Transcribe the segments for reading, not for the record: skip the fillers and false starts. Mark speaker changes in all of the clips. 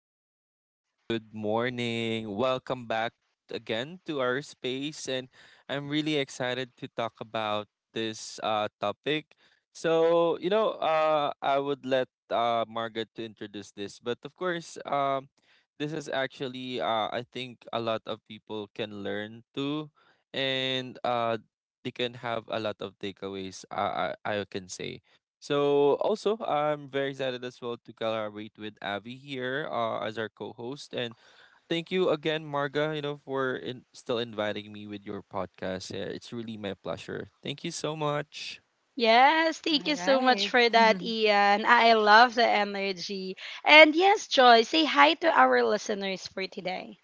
Speaker 1: Hi, friends. Good morning. Welcome back again to our space. And I'm really excited to talk about this topic. So, you know, I would let Margaret to introduce this. But of course, this is actually, I think, a lot of people can learn too. And they can have a lot of takeaways, I can say. So also, I'm very excited as well to collaborate with Avi here as our co-host, and thank you again, Marga. You know, for in, still inviting me with your podcast. Yeah, it's really my pleasure. Thank you so much.
Speaker 2: Yes, thank you
Speaker 3: All
Speaker 2: so much
Speaker 3: right.
Speaker 2: for that, Ian. I love the energy. And yes, Joy, say hi to our listeners for today.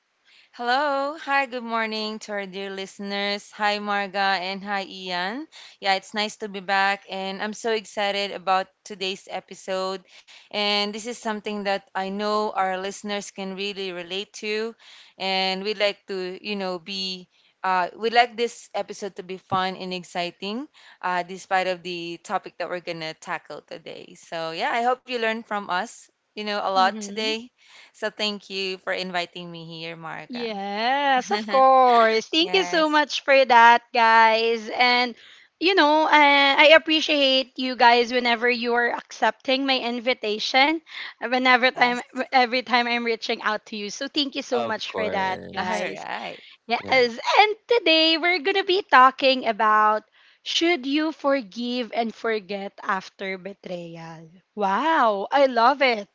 Speaker 3: Hello. Hi, good morning to our dear listeners. Hi, Marga, and hi, Ian. Yeah, it's nice to be back, and I'm so excited about today's episode. And this is something that I know our listeners can really relate to, and we'd like to, you know, be. We'd like this episode to be fun and exciting, despite of the topic that we're gonna tackle today. So yeah, I hope you learn from us, a lot today. So thank you for inviting me here, Marga.
Speaker 2: Yes, of course. Thank you so
Speaker 3: Yes,
Speaker 2: much for that, guys. And you know, I appreciate you guys whenever you are accepting my invitation, whenever time
Speaker 3: yes.
Speaker 2: every time I'm reaching out to you. So thank you so
Speaker 1: Of
Speaker 2: much for that,
Speaker 3: All
Speaker 1: course.
Speaker 2: guys.
Speaker 3: right.
Speaker 2: Yes,
Speaker 1: Yeah.
Speaker 2: and today we're going to be talking about should you forgive and forget after betrayal? Wow, I love it.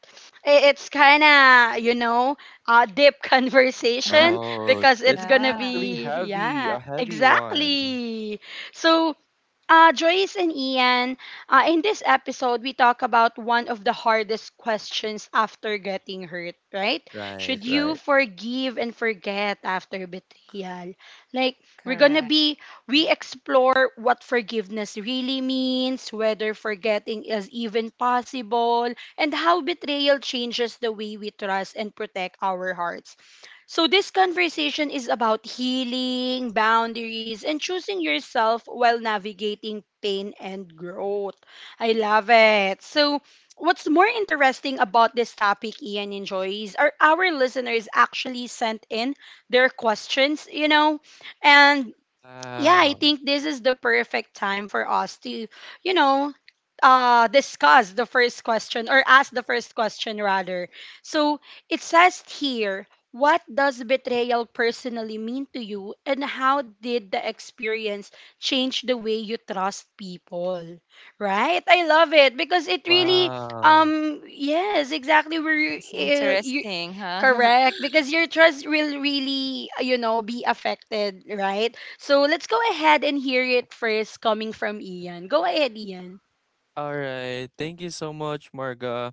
Speaker 2: It's kind of, you know, a deep conversation
Speaker 1: Oh,
Speaker 2: because
Speaker 1: it's
Speaker 2: it's going to
Speaker 1: actually
Speaker 3: Yeah,
Speaker 2: be,
Speaker 1: heavy, a
Speaker 2: yeah,
Speaker 1: heavy one.
Speaker 2: exactly. So Joyce and Ian, in this episode, we talk about one of the hardest questions after getting hurt, right?
Speaker 1: Right.
Speaker 2: Should you
Speaker 1: Right.
Speaker 2: forgive and forget after betrayal? Like, we're gonna
Speaker 3: correct.
Speaker 2: be, we explore what forgiveness really means, whether forgetting is even possible, and how betrayal changes the way we trust and protect our hearts. So, this conversation is about healing, boundaries, and choosing yourself while navigating pain and growth. I love it. So, what's more interesting about this topic, Ian and Joyce, are our listeners actually sent in their questions, you know, and yeah, I
Speaker 1: Wow.
Speaker 2: think this is the perfect time for us to, you know, discuss the first question or ask the first question rather. So it says here, what does betrayal personally mean to you, and how did the experience change the way you trust people? Right? I love it because it really,
Speaker 1: Wow.
Speaker 2: yes, exactly.
Speaker 3: It's interesting, huh?
Speaker 2: Correct, because your trust will really, you know, be affected, right? So let's go ahead and hear it first coming from Ian. Go ahead, Ian.
Speaker 1: All right. Thank you so much, Marga.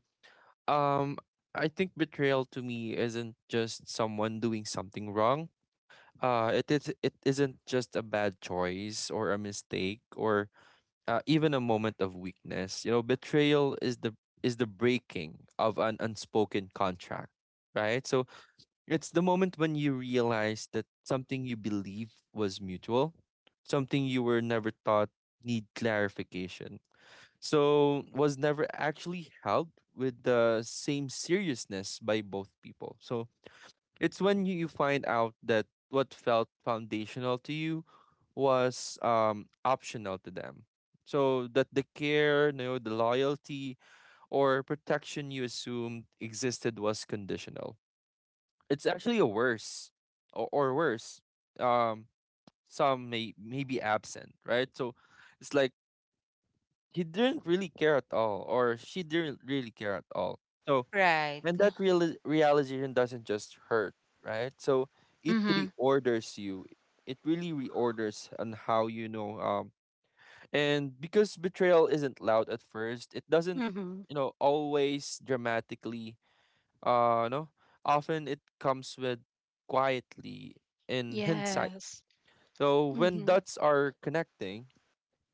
Speaker 1: Um, I think betrayal to me isn't just someone doing something wrong. It is it isn't just a bad choice or a mistake or even a moment of weakness. You know, betrayal is the breaking of an unspoken contract, right? So it's the moment when you realize that something you believe was mutual, something you were never taught need clarification so was never actually held with the same seriousness by both people. So it's when you find out that what felt foundational to you was optional to them. So that the care, you know, the loyalty or protection you assumed existed was conditional. It's actually a worse or worse. Um, some may be absent, right? So it's like he didn't really care at all, or she didn't really care at all. So,
Speaker 3: Right.
Speaker 1: and that realization doesn't just hurt, right? So it
Speaker 3: Mm-hmm.
Speaker 1: reorders you. It really reorders on how you know. And because betrayal isn't loud at first, it doesn't,
Speaker 2: Mm-hmm.
Speaker 1: you know, always dramatically. No, often it comes with quietly in hindsight.
Speaker 2: Yes.
Speaker 1: So when
Speaker 2: Mm-hmm.
Speaker 1: dots are connecting,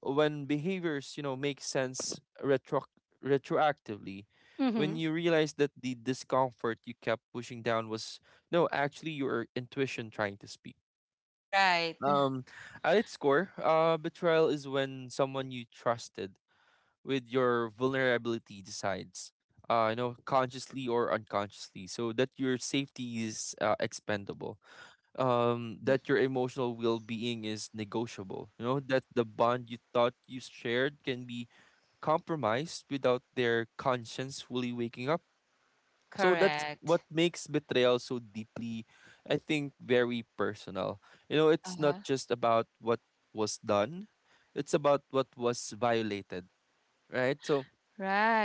Speaker 1: when behaviors you know make sense retroactively, when
Speaker 2: Mm-hmm.
Speaker 1: you realize that the discomfort you kept pushing down was no actually your intuition trying to speak.
Speaker 3: Right.
Speaker 1: um at its core, betrayal is when someone you trusted with your vulnerability decides, you know, consciously or unconsciously, so that your safety is expendable,
Speaker 3: Mhm.
Speaker 1: that your emotional well-being is negotiable, you know, that the bond you thought you shared can be compromised without their conscience fully waking up. So that's
Speaker 3: Correct.
Speaker 1: what makes betrayal so deeply, I think, very personal. You know, it's not
Speaker 3: Uh-huh.
Speaker 1: just about what was done, it's about what was violated, right? So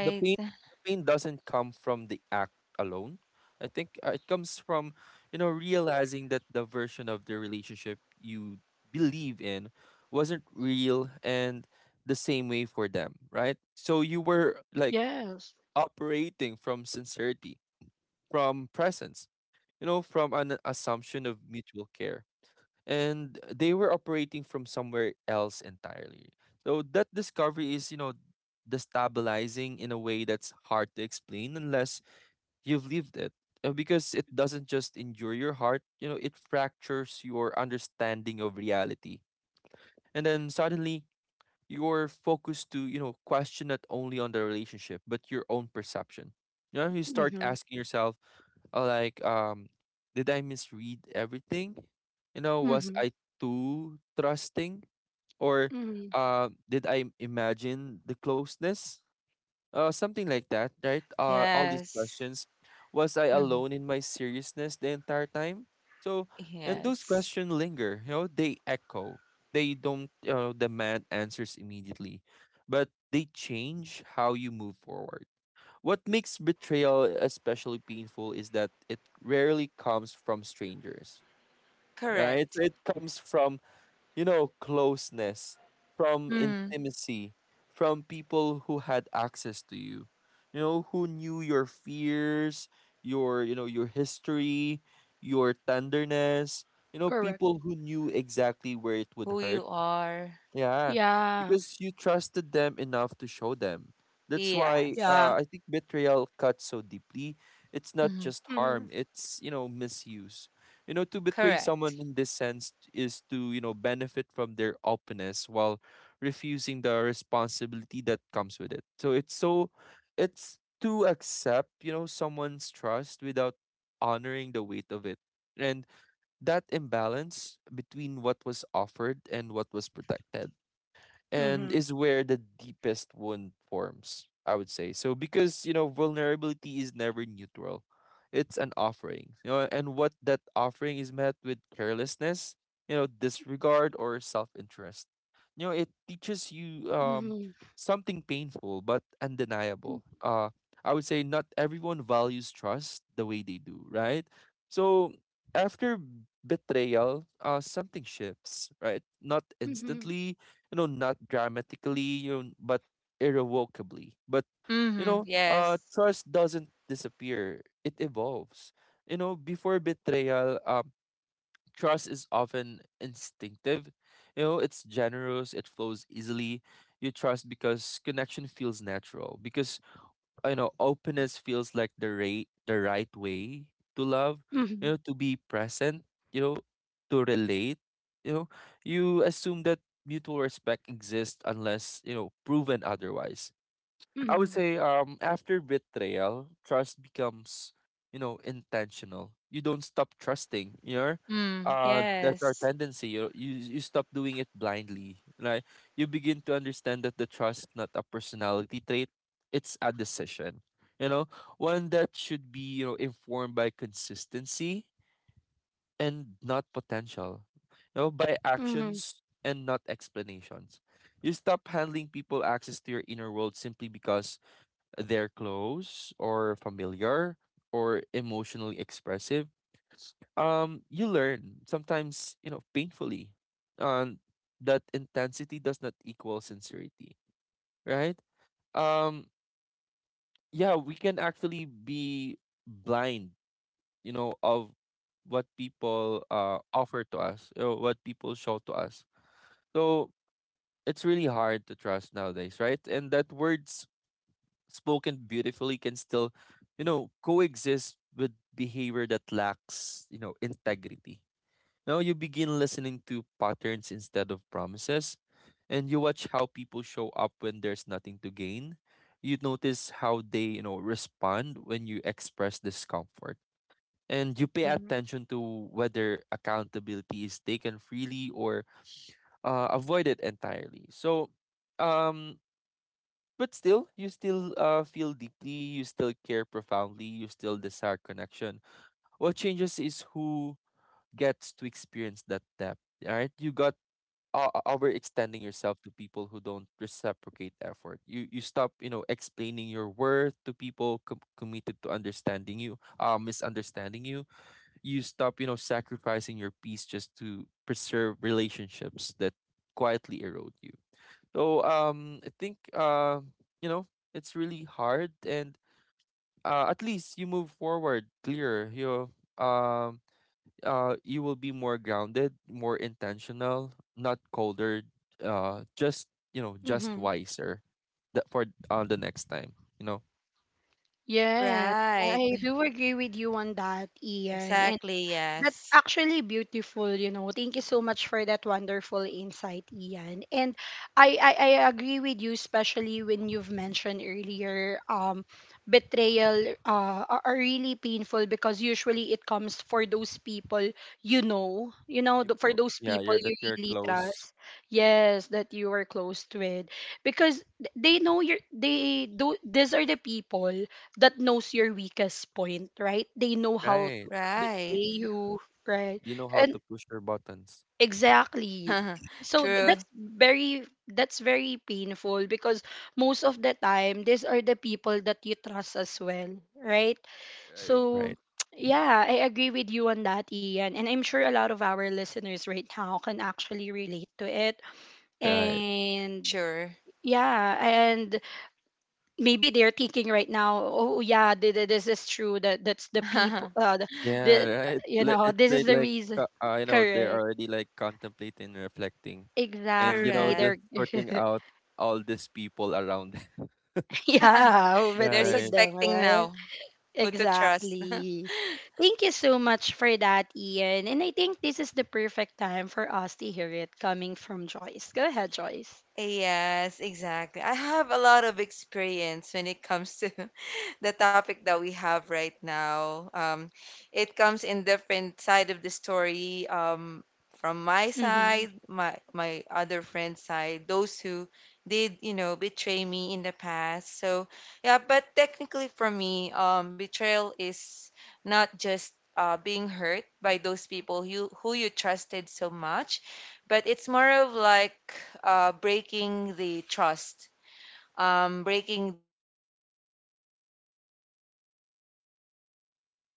Speaker 1: the pain the pain doesn't come from the act alone. I think it comes from, you know, realizing that the version of the relationship you believe in wasn't real and the same way for them, right? So you were like
Speaker 2: Yes.
Speaker 1: operating from sincerity, from presence, you know, from an assumption of mutual care. And they were operating from somewhere else entirely. So that discovery is, you know, destabilizing in a way that's hard to explain unless you've lived it. Because it doesn't just injure your heart, you know, it fractures your understanding of reality. And then suddenly your focus to you know question not only on the relationship but your own perception. You know, you start
Speaker 2: Mm-hmm.
Speaker 1: asking yourself, like did I misread everything, you know, was
Speaker 2: Mm-hmm.
Speaker 1: I too trusting, or
Speaker 2: Mm-hmm.
Speaker 1: did I imagine the closeness, something like that, right? All these
Speaker 3: Yes.
Speaker 1: questions. Was I
Speaker 3: Hmm.
Speaker 1: alone in my seriousness the entire time? So, and those
Speaker 3: Yes.
Speaker 1: questions linger, you know, they echo. They don't, you know, demand answers immediately, but they change how you move forward. What makes betrayal especially painful is that it rarely comes from strangers, right?
Speaker 3: Correct.
Speaker 1: So it comes from, you know, closeness, from
Speaker 3: Mm.
Speaker 1: intimacy, from people who had access to you, you know, who knew your fears, your, you know, your history, your tenderness, you know,
Speaker 2: Correct.
Speaker 1: people who knew exactly where it would
Speaker 3: Who
Speaker 1: hurt,
Speaker 3: you are.
Speaker 1: yeah,
Speaker 2: Yeah.
Speaker 1: because you trusted them enough to show them. That's why
Speaker 2: Yeah.
Speaker 3: Yes.
Speaker 1: I think betrayal cuts so deeply. It's not
Speaker 3: Hmm.
Speaker 1: just
Speaker 2: Mm-hmm.
Speaker 1: harm, it's, you know, misuse. You know, to betray someone
Speaker 3: Correct.
Speaker 1: in this sense is to, you know, benefit from their openness while refusing the responsibility that comes with it. It's to accept, you know, someone's trust without honoring the weight of it. And that imbalance between what was offered and what was protected and
Speaker 2: Mm-hmm.
Speaker 1: is where the deepest wound forms, I would say. So because, you know, vulnerability is never neutral. It's an offering. You know, and what that offering is met with carelessness, you know, disregard or self-interest. You know, it teaches you
Speaker 2: Mm-hmm.
Speaker 1: something painful but undeniable. I would say not everyone values trust the way they do, right? So after betrayal, something shifts, right? Not
Speaker 2: Mm-hmm.
Speaker 1: instantly, you know, not dramatically, you know, but irrevocably. But you
Speaker 3: Mm-hmm.
Speaker 1: know,
Speaker 3: Yes.
Speaker 1: trust doesn't disappear; it evolves. You know, before betrayal, trust is often instinctive. You know, it's generous; it flows easily. You trust because connection feels natural, because you know openness feels like the right way to love,
Speaker 2: Mm-hmm.
Speaker 1: you know, to be present, you know, to relate, you know, you assume that mutual respect exists unless, you know, proven otherwise. I would say after betrayal, trust becomes, you know, intentional. You don't stop trusting, you know?
Speaker 3: Mm.
Speaker 1: That's our
Speaker 3: Yes.
Speaker 1: tendency. You stop doing it blindly. Like you begin to understand that the trust is not a personality trait, it's a decision. You know, one that should be, you know, informed by consistency and not potential. You know, by
Speaker 2: Mm-hmm.
Speaker 1: actions and not explanations. You stop handling people access to your inner world simply because they're close or familiar or emotionally expressive. You learn sometimes, you know, painfully, and that intensity does not equal sincerity, right? Um, yeah, we can actually be blind, you know, of what people offer to us or what people show to us. So it's really hard to trust nowadays, right? And that words spoken beautifully can still, you know, coexist with behavior that lacks, you know, integrity. Now you begin listening to patterns instead of promises, and you watch how people show up when there's nothing to gain. You notice how they, you know, respond when you express discomfort. And you pay
Speaker 2: Mm-hmm.
Speaker 1: attention to whether accountability is taken freely or avoided entirely. So, um, but still, you still feel deeply, you still care profoundly, you still desire connection. What changes is who gets to experience that depth. All right, you got overextending yourself to people who don't reciprocate effort. You stop, you know, explaining your worth to people committed to understanding you, misunderstanding you. You stop, you know, sacrificing your peace just to preserve relationships that quietly erode you. So I think you know it's really hard, and at least you move forward clearer. Um you will be more grounded, more intentional, not colder. Just you know, just
Speaker 2: Mm-hmm.
Speaker 1: wiser. That for the next time, you know,
Speaker 2: Yes.
Speaker 3: Right.
Speaker 2: I do agree with you on that, Ian.
Speaker 3: Exactly,
Speaker 2: That's
Speaker 3: yes.
Speaker 2: actually beautiful, you know. Thank you so much for that wonderful insight, Ian. And I agree with you, especially when you've mentioned earlier, betrayal are really painful because usually it comes for those people you know, for those
Speaker 1: yeah,
Speaker 2: people
Speaker 1: you're that
Speaker 2: you
Speaker 1: you're
Speaker 2: really
Speaker 1: close,
Speaker 2: trust. Yes, that you are close with, because they know you're they do. These are the people that knows your weakest point, right? They know how
Speaker 1: right?
Speaker 2: to
Speaker 3: Right.
Speaker 2: betray you, right?
Speaker 1: You know how
Speaker 2: And
Speaker 1: to push your buttons,
Speaker 2: exactly. So
Speaker 3: True.
Speaker 2: that's very, that's very painful because most of the time these are the people that you trust as well, right?
Speaker 1: right?
Speaker 2: So
Speaker 1: Right,
Speaker 2: yeah, I agree with you on that, Ian. And I'm sure a lot of our listeners right now can actually relate to it.
Speaker 1: right.
Speaker 3: For
Speaker 2: And
Speaker 3: sure.
Speaker 2: yeah, and maybe they're thinking right now, oh yeah, this is true, that that's the people
Speaker 1: Yeah,
Speaker 2: the
Speaker 1: right.
Speaker 2: you know,
Speaker 1: It's
Speaker 2: this is the
Speaker 1: like
Speaker 2: reason,
Speaker 1: you know, they're
Speaker 2: correct,
Speaker 1: already like contemplating, reflecting, and you know,
Speaker 2: exactly,
Speaker 3: Correct.
Speaker 1: just
Speaker 2: they're
Speaker 1: sorting out all these people around them.
Speaker 2: yeah, who
Speaker 3: They're
Speaker 2: betrayed
Speaker 1: Right,
Speaker 2: them,
Speaker 3: suspecting
Speaker 2: right,
Speaker 3: now who to trust.
Speaker 2: exactly. Thank you so much for that, Ian, and I think this is the perfect time for us to hear it coming from Joyce. Go ahead, Joyce.
Speaker 3: Yes, exactly. I have a lot of experience when it comes to, the topic that we have right now. It comes in different side of the story. From my
Speaker 2: Hmm.
Speaker 3: side, my other friend's side, those who did, you know, betray me in the past. So yeah, but technically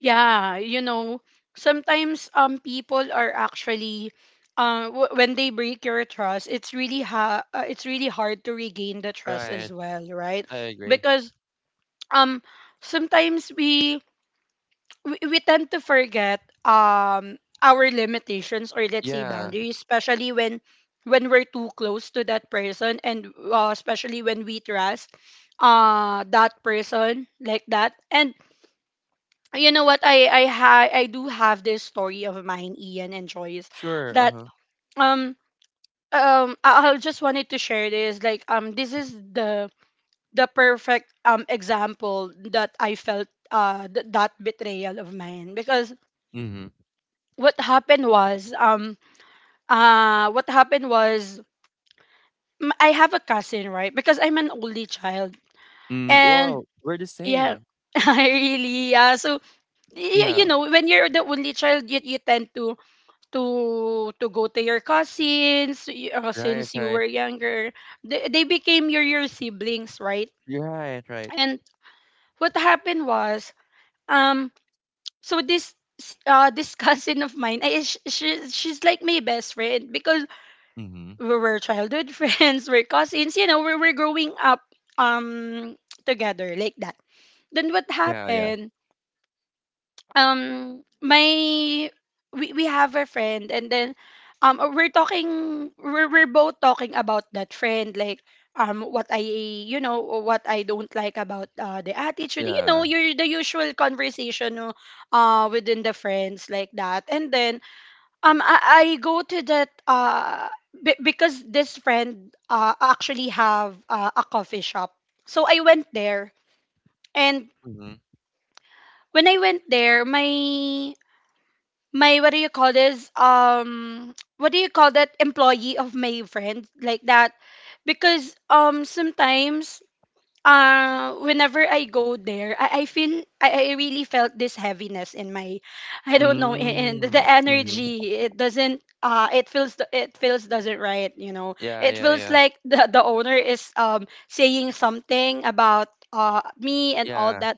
Speaker 2: Yeah, you know, sometimes people are actually when they break your trust, it's really it's really hard to regain the trust as
Speaker 1: right.
Speaker 2: well, right?
Speaker 1: I agree.
Speaker 2: Because um sometimes we tend to forget our limitations or let's say
Speaker 1: Yeah,
Speaker 2: boundaries, especially when we're too close to that person, and especially when we trust that person like that. And you know what, I do have this story of mine, Ian and Joyce,
Speaker 1: sure. Uh
Speaker 2: that
Speaker 1: huh.
Speaker 2: um I just wanted to share this. Like this is the perfect example that I felt that betrayal of mine. Because
Speaker 1: Mm-hmm.
Speaker 2: what happened was um what happened was, I have a cousin, right, because I'm an only child,
Speaker 1: Mm,
Speaker 2: and
Speaker 1: wow, we're the
Speaker 2: yeah,
Speaker 1: same.
Speaker 2: I really, yeah, so you
Speaker 1: Yeah.
Speaker 2: know when you're the only child, you tend to to go to your cousins,
Speaker 1: Right,
Speaker 2: since you
Speaker 1: right.
Speaker 2: were younger, they became your siblings, right?
Speaker 1: You're right, right.
Speaker 2: And what happened was, um so this cousin of mine, she, she's like my best friend, because
Speaker 1: Mm-hmm.
Speaker 2: we were childhood friends, we're cousins, you know, we were growing up um together like that. Then what
Speaker 1: Yeah, yeah,
Speaker 2: happened, my we have a friend, and then we're both talking about that friend, like what I you know, what I don't like about the attitude, you know,
Speaker 1: yeah.
Speaker 2: your the usual conversation, no, within the friends like that. And then, I go to that be because this friend actually have a coffee shop, so I went there. And
Speaker 1: Mm-hmm.
Speaker 2: when I went there, my, what do you call this, what do you call that, employee of my friend like that. Because sometimes whenever I go there, I feel, I really felt this heaviness in my, I don't know, in
Speaker 1: Mm-hmm.
Speaker 2: the energy, it doesn't, it feels, it feels doesn't right, you know,
Speaker 1: Yeah,
Speaker 2: it
Speaker 1: yeah,
Speaker 2: feels
Speaker 1: yeah,
Speaker 2: like the owner is saying something about me and all
Speaker 1: yeah,
Speaker 2: that.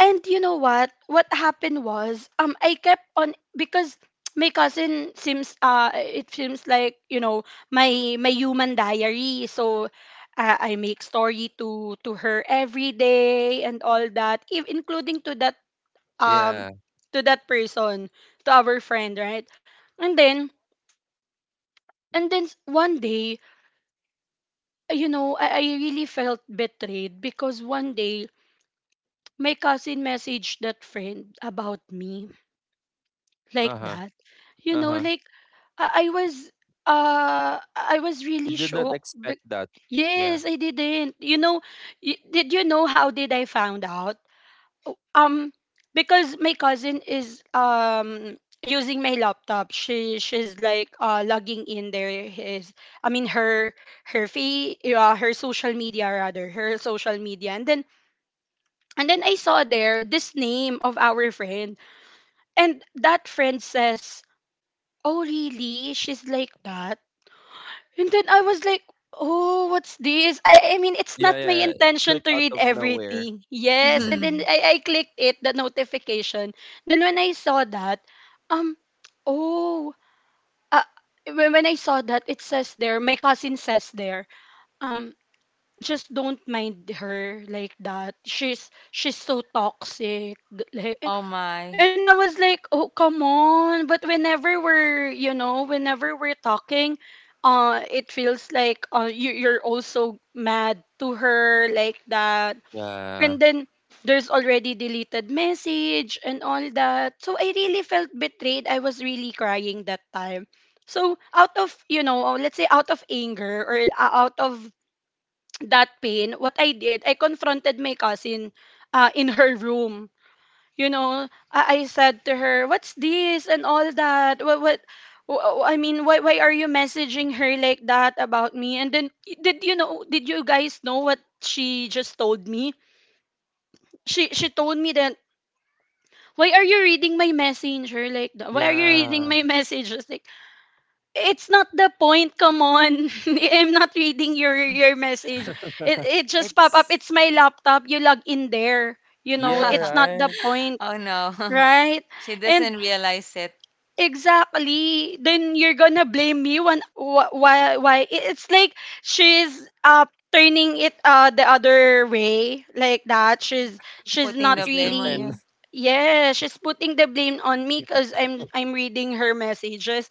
Speaker 2: And you know what? What happened was, I kept on, because my cousin seems, it seems like, you know, my human diary. So, I make story to her every day and all that, if, including um
Speaker 1: yeah.
Speaker 2: to that person, to our friend, right? And then, and then, one day, you know, I really felt betrayed, because one day my cousin messaged that friend about me
Speaker 1: Uh
Speaker 2: like
Speaker 1: huh.
Speaker 2: that. You
Speaker 1: Uh
Speaker 2: know,
Speaker 1: huh.
Speaker 2: like, I was, I was really
Speaker 1: You did not
Speaker 2: shocked. But
Speaker 1: expect that. Yeah.
Speaker 2: yes, I didn't. You know, did you know how did I found out? Oh, because my cousin is using my laptop. She's like logging in there, his I mean her her fee her social media rather, her social media. And then, and then I saw there this name of our friend, and that friend says, oh, really? She's like that? And then I was like, oh, what's this? I mean, it's
Speaker 1: Yeah,
Speaker 2: not
Speaker 1: yeah,
Speaker 2: my
Speaker 1: yeah. It's
Speaker 2: intention
Speaker 1: like
Speaker 2: to
Speaker 1: out
Speaker 2: read
Speaker 1: of nowhere.
Speaker 2: everything. Yes. And
Speaker 1: Mhm.
Speaker 2: then I clicked it, the notification. Then when I saw that, um, oh, uh, when I saw that, it says there, my cousin says there, um, just don't mind her like that. She's so toxic. Like, and I was like, oh, come on. But whenever we're, you know, whenever we're talking, it feels like, you're also mad to her like that.
Speaker 1: Yeah.
Speaker 2: And then there's already deleted message and all that. So I really felt betrayed. I was really crying that time. So out of, you know, let's say out of anger, or out of that pain, what I did, I confronted my cousin in her room. You know, I said to her, what's this and all that, I mean, why are you messaging her like that about me? And then, did you know, did you guys know what she just told me? She told me that, why are you reading my messenger like that? Why are you reading
Speaker 1: Yeah.
Speaker 2: my message? It's like, it's not the point, come on. I'm not reading your message, it it just pop up, it's my laptop, you log in there, you know,
Speaker 1: Yeah,
Speaker 2: it's not the
Speaker 1: right?
Speaker 2: point, right? And exactly. Then you're gonna blame me, when why it's like she's uh turning it the other way like that. She's not
Speaker 1: You're
Speaker 2: really,
Speaker 1: stripping.
Speaker 2: yeah, she's putting the blame on me because I'm reading her messages.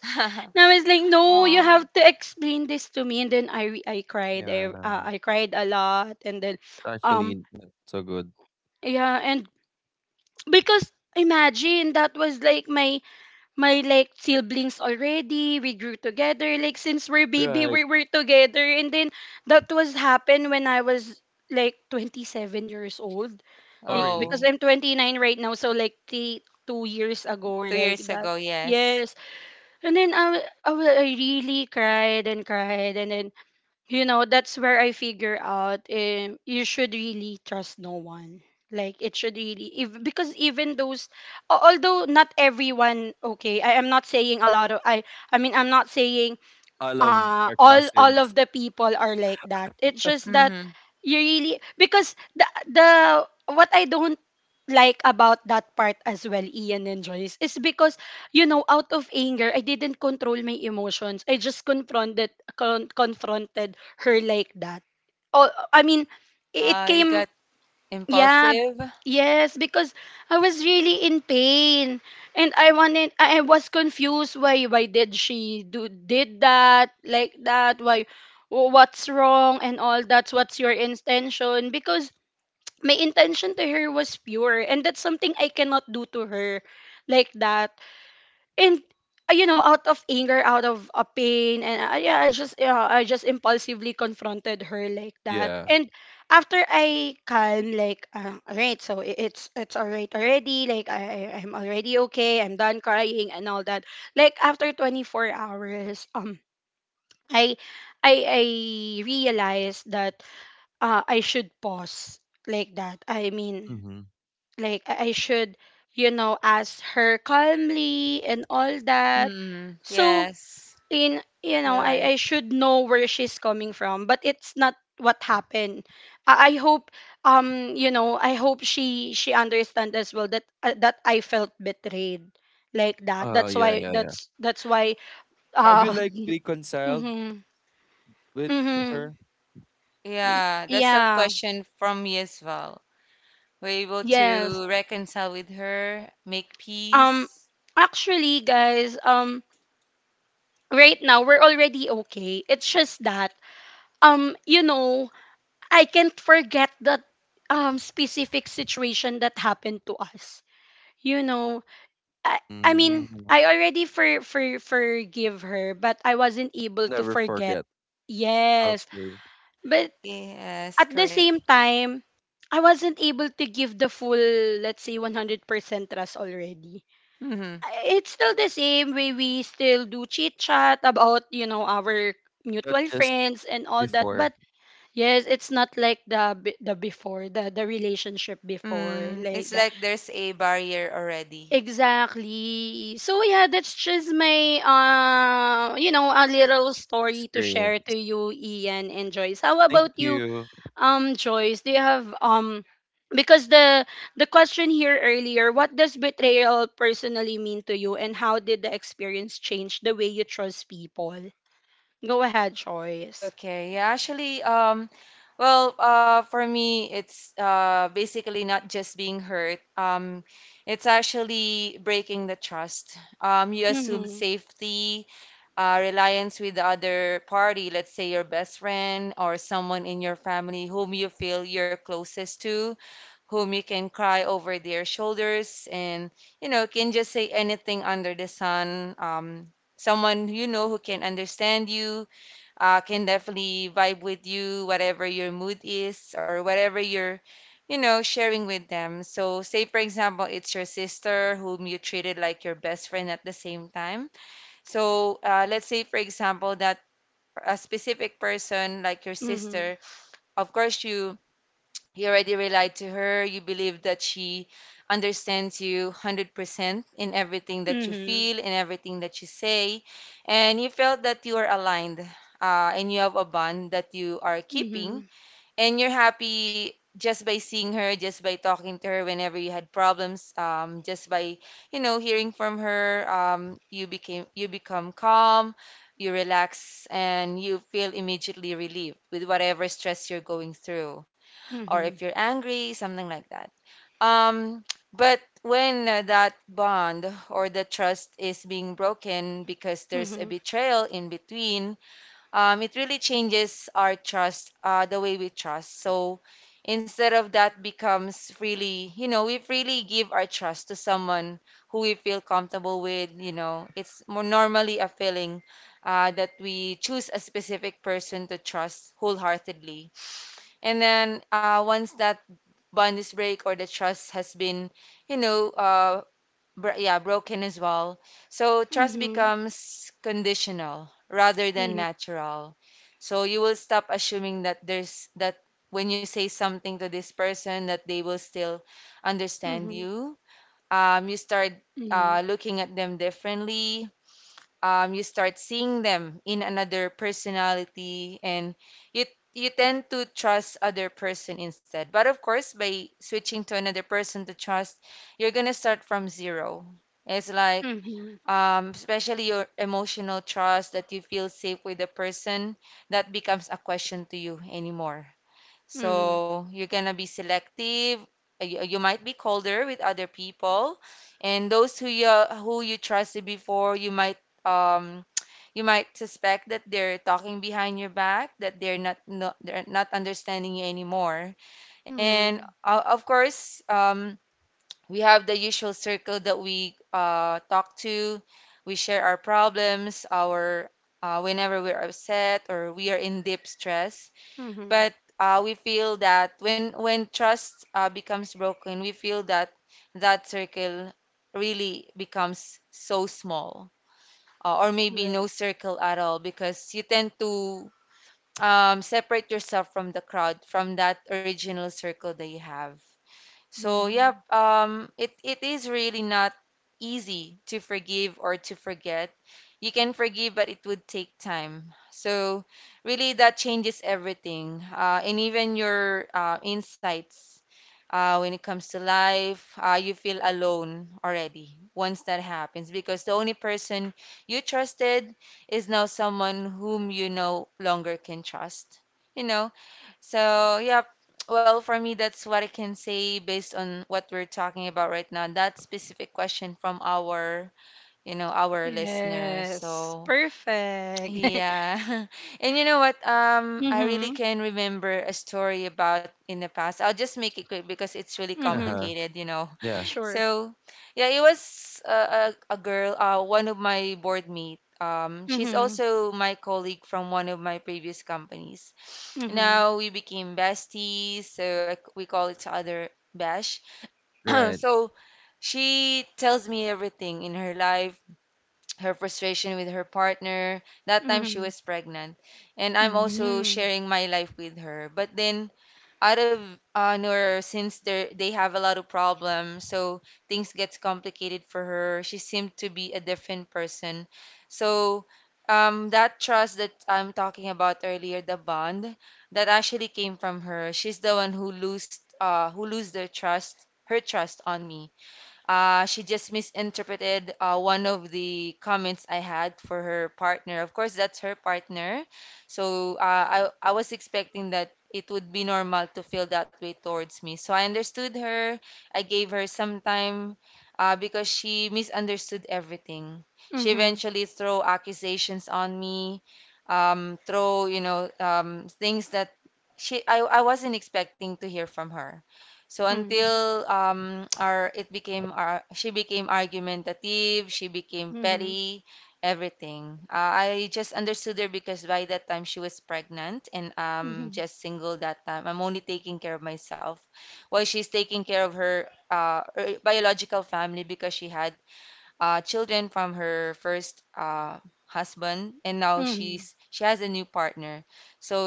Speaker 2: Now it's like, no, you have to explain this to me. And then I cried,
Speaker 1: Yeah.
Speaker 2: I cried a lot, and then, um
Speaker 1: Actually, not so good.
Speaker 2: yeah and because imagine that was like my like siblings already. We grew together. Like since we're baby,
Speaker 1: Right.
Speaker 2: we were together. And then that was happened when I was like 27 years old.
Speaker 1: Oh,
Speaker 2: Like
Speaker 1: really?
Speaker 2: because I'm 29 right now, so like three, 2 years ago or like that. Yes. And then I really cried and cried. And then that's where I figure out, you should really trust no one. Like it should really, if, because even those, although not everyone, okay, I am not saying a lot of I'm not saying
Speaker 1: I love our
Speaker 2: all of
Speaker 1: cousins.
Speaker 2: the people are like that. It's just that you really, because the what I don't like about that part as well, Ian and Joyce, is because you know, out of anger, I didn't control my emotions. I just confronted, confronted her like that. Oh, I mean, it came. Yeah, yes, because I was really in pain, and I wanted, I was confused. Why did she do did that like that? Why, what's wrong and all? That's what's your intention, because my intention to her was pure, and that's something I cannot do to her like that. And you know, out of anger, out of a pain, and yeah, I just I just impulsively confronted her like that.
Speaker 1: Yeah.
Speaker 2: And after I calm, like, all right, so it's all right already. Like I'm already okay. I'm done crying and all that, like after 24 hours. I I realized that I should pause like that. I mean,
Speaker 1: Mm-hmm.
Speaker 2: like I should, you know, ask her calmly and all that. So in you know, I should know where she's coming from, but it's not what happened. I hope, you know, I hope she understand as well that that I felt betrayed like that.
Speaker 1: Oh,
Speaker 2: That's
Speaker 1: yeah,
Speaker 2: why,
Speaker 1: yeah, yeah.
Speaker 2: that's why
Speaker 1: Have you
Speaker 2: uh
Speaker 1: like reconciled
Speaker 2: mhm
Speaker 1: with
Speaker 2: mhm.
Speaker 1: her?
Speaker 2: y- yeah, yes. um actually, guys, right now we're already okay. It's just that, you know, I can't forget that specific situation that happened to us. You know, I mean,
Speaker 1: Mm,
Speaker 2: I already forgive her, but I wasn't able to
Speaker 1: never
Speaker 2: forget.
Speaker 1: forget.
Speaker 2: Yes,
Speaker 1: Okay.
Speaker 2: but at the same time, I wasn't able to give the full, let's say, 100% trust already. It's still the same way. We still do chit chat about, you know, our
Speaker 1: Not
Speaker 2: mutual
Speaker 1: just
Speaker 2: friends and all that, but
Speaker 1: before
Speaker 2: yes, it's not like the before, the relationship before, like that. Exactly. So yeah, that's just my you know, a little story to share to
Speaker 1: experience.
Speaker 2: you, Ian and Joyce. How about
Speaker 1: Thank
Speaker 2: you?
Speaker 1: you.
Speaker 2: Joyce, do you have, because the question here earlier, what does betrayal personally mean to you, and how did the experience change the way you trust people? Go ahead, Joyce. Mhm. Mhm. Mhm. Mhm. Mhm. Mhm. Mhm. Mhm. Mhm. Mhm. Mhm. Mhm. Mhm. Mhm. Right. Mhm. Yes. Perfect. mhm.
Speaker 1: Uh
Speaker 2: Mhm.
Speaker 1: huh. Yeah.
Speaker 2: Sure. Mm-hmm. Mhm.
Speaker 1: Right.
Speaker 2: Mhm. Mhm. Mhm. Mhm. Mhm. Mhm. Mhm.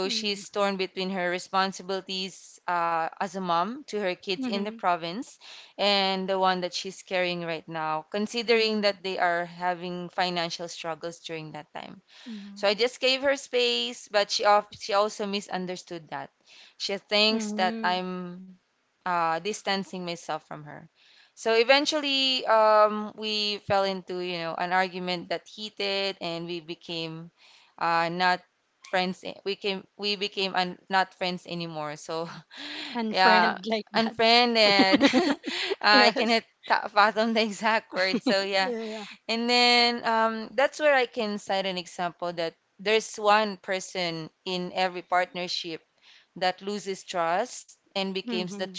Speaker 2: Mhm. Mhm. Mhm. Mhm. Mhm. And friend like that. yes. Yeah. Mhm.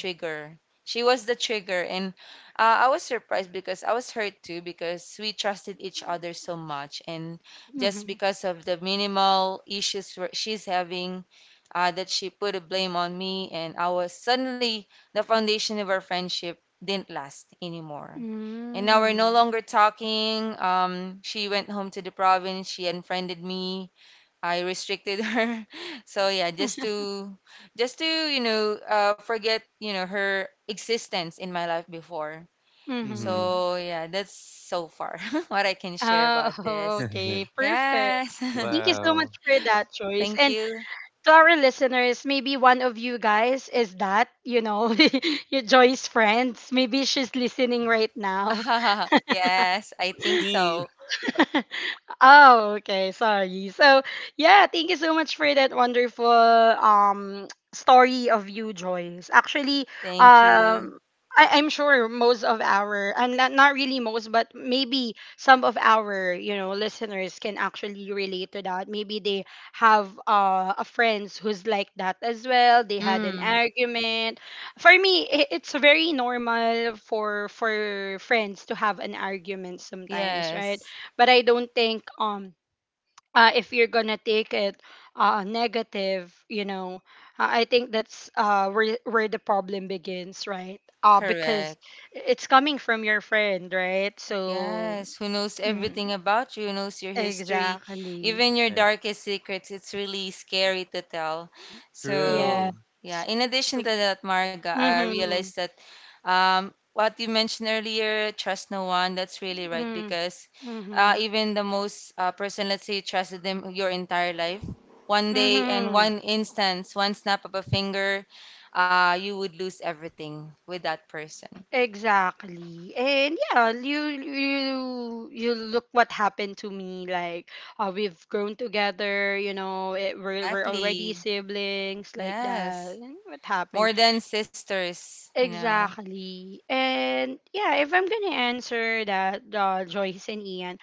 Speaker 2: Mhm. Mhm.
Speaker 1: Mm-hmm.
Speaker 2: Mhm. Oh, okay. Perfect. Thank you so much
Speaker 1: wow.
Speaker 2: for that choice. And to our listeners, maybe one of you guys is that, you know, your Joy's friends. Maybe she's listening right now.
Speaker 1: He
Speaker 2: oh, okay. Sorry. So yeah, thank you so much for that wonderful story of you, Joyce. Actually, um I'm sure most of our, and not really most, but maybe some of our, you know, listeners can actually relate to that. Maybe they have a friends who's like that as well. They had an argument. For me, it's very normal for friends to have an argument sometimes, right? But I don't think if you're gonna take it negative, you know, I think that's where the problem begins, right? Because it's coming from your friend, right? So mm, exactly,
Speaker 1: Right.
Speaker 2: yes.
Speaker 1: True.
Speaker 2: Like, mm-hmm. Mm-hmm. Mm-hmm. Mm-hmm. Exactly. And yeah, you you look what happened to me. Like, we've grown together. You know, we're already siblings like that. And what happened? Exactly. And yeah, if I'm gonna answer that, Joyce and Ian,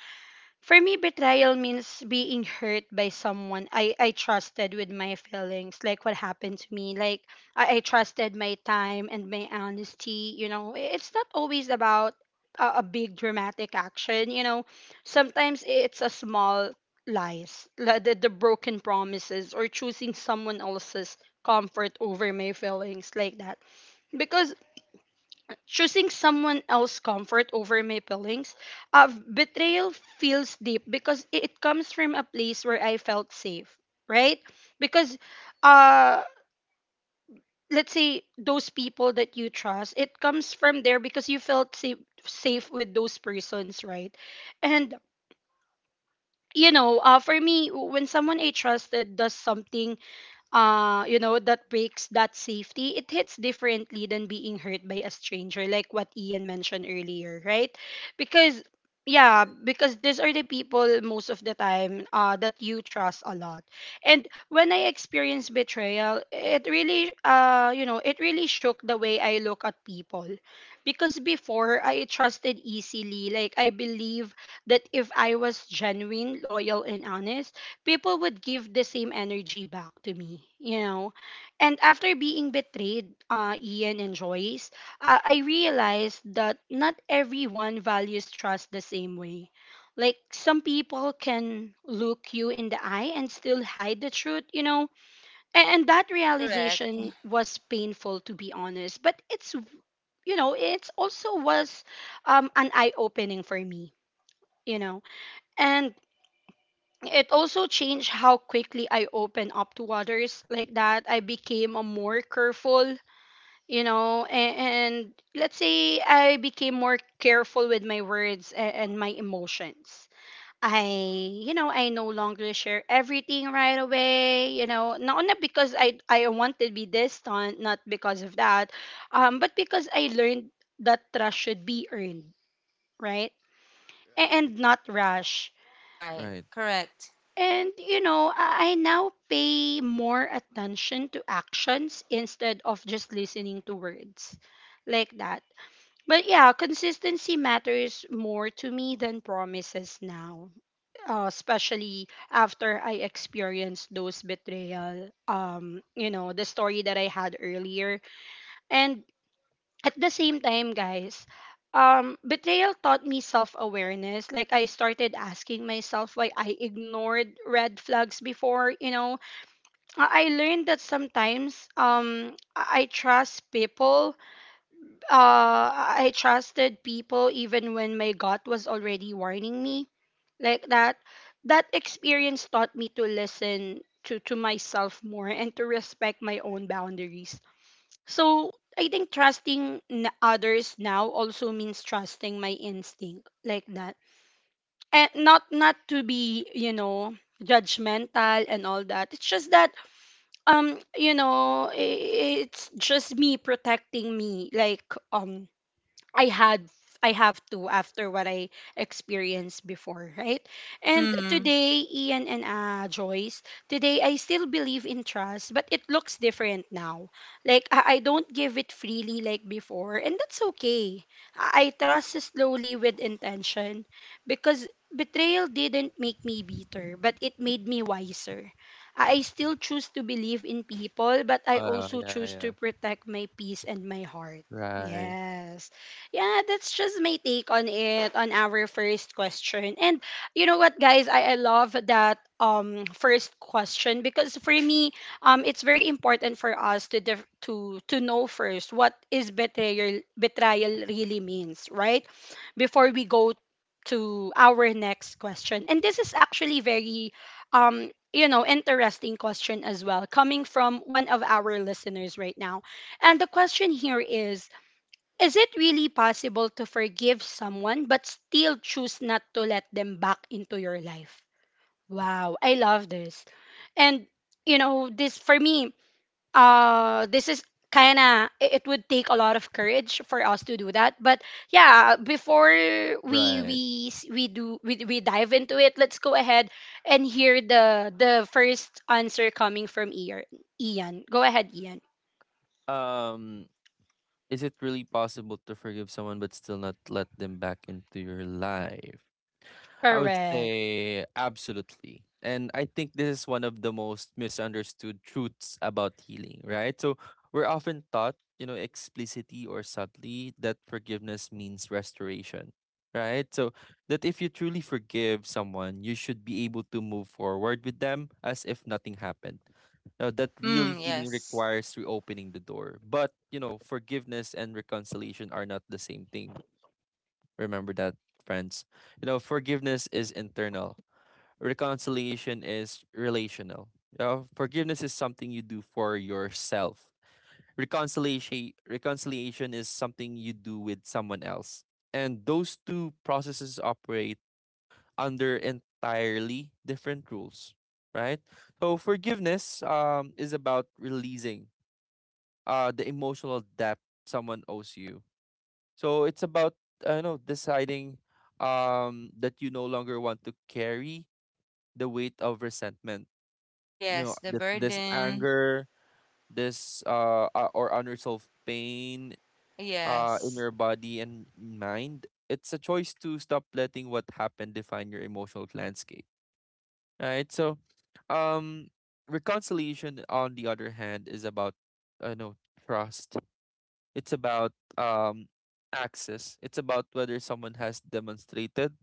Speaker 2: for me, betrayal means being hurt by someone I trusted with my feelings, like what happened to me. Like, I trusted my time and my honesty. You know, it's not always about a big dramatic action. You know, sometimes it's a small lies, like the broken promises, or choosing someone else's comfort over my feelings, like that. Because choosing someone else's comfort over my feelings, betrayal feels deep because it comes from a place where I felt safe, right? Because, uh, let's say those people that you trust, it comes from there because you felt safe, safe with those persons, right? And you know, for me, when someone I trusted does something, you know, that breaks that safety, it hits differently than being hurt by a stranger, like what Ian mentioned earlier, right? Because yeah,
Speaker 1: Right.
Speaker 2: because these are the people most of the time that you trust a lot. And when I experienced betrayal, it really, you know, it really shook the way I look at people. Because before, I trusted easily. Like, I believe that if I was genuine, loyal, and honest, people would give the same energy back to me, you know. And after being betrayed, Ian and Joyce, I realized that not everyone values trust the same way. Like some people can look you in the eye and still hide the truth, you know. And that realization was painful, to be honest. But it's, you know, it's also was an eye opening for me, you know. And it also changed how quickly I open up to others like that. I became a more careful, you know, and let's say I became more careful with my words and my emotions. I, you know, I no longer share everything right away, you know, not because I want to be distant, not because of that, but because I learned that trust should be earned, right? And not rushed.
Speaker 1: Right. Right.
Speaker 2: And you know, I now pay more attention to actions instead of just listening to words like that. But yeah, consistency matters more to me than promises now, especially after I experienced those betrayal. You know, the story that I had earlier, and at the same time, guys, betrayal taught me self awareness. Like, I started asking myself why I ignored red flags before, you know. I learned that sometimes I trust people, I trusted people even when my gut was already warning me. Like, that experience taught me to listen. To myself more, and to respect my own boundaries. So I think trusting others now also means trusting my instinct like that. And not to be, you know, judgmental and all that. It's just that, you know, it's just me protecting me, like um I had, I have to, after what I experienced before, right? And today, Ian and Joyce, today I still believe in trust, but it looks different now. Like I don't give it freely like before, and that's okay. I trust slowly with intention, because betrayal didn't make me bitter, but it made me wiser. I still choose to believe in people, but I
Speaker 1: Wow.
Speaker 2: also
Speaker 1: Yeah.
Speaker 2: choose to
Speaker 1: Yeah.
Speaker 2: protect my peace and my heart.
Speaker 1: Right.
Speaker 2: Yes. Yeah, that's just my take on it on our first question. And you know what, guys, I love that first question because for me, it's very important for us to to know first what is betrayal really means, right? Before we go to our next question, and this is actually very you know, interesting question as well, coming from one of our listeners right now. And the question here is it really possible to forgive someone but still choose not to let them back into your life? Wow, I love this. And you know, this for me, this is kind of, it would take a lot of courage for us to do that. But yeah, before
Speaker 1: Right.
Speaker 2: we s- we do we dive into it, let's go ahead and hear the first answer coming from Ian. Ian. Go ahead, Ian.
Speaker 1: Um, is it really possible to forgive someone but still not let them back into your life? I would
Speaker 2: Correct.
Speaker 1: say absolutely. And I think this is one of the most misunderstood truths about healing, right? So we're often taught, you know, explicitly or subtly that forgiveness means restoration, right? So that if you truly forgive someone, you should be able to move forward with them as if nothing happened. Now, that really healing requires reopening the door. But, you know, forgiveness and reconciliation are not the same thing. Remember that, friends. You know, forgiveness is internal, reconciliation is relational. You know, forgiveness is something you do for yourself. Reconciliation is something you do with someone else. And those two processes operate under entirely different rules, right? So forgiveness is about releasing the emotional debt someone owes you, so it's about, I know, deciding that you no longer want to carry the weight of resentment. You know, this anger, this or unresolved pain in your body and mind. It's a choice to stop letting what happened define your emotional landscape. Right? So um reconciliation, on the other hand, is about I know trust. It's about um access. It's about whether someone has demonstrated,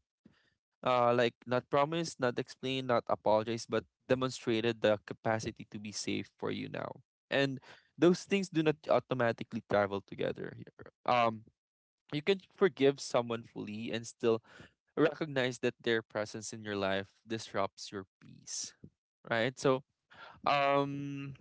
Speaker 1: like not promised, not explained, not apologized, but demonstrated the capacity to be safe for you now. And those things do not automatically travel together. Here. You can forgive someone fully and still recognize that their presence in your life disrupts your peace. Right? So, um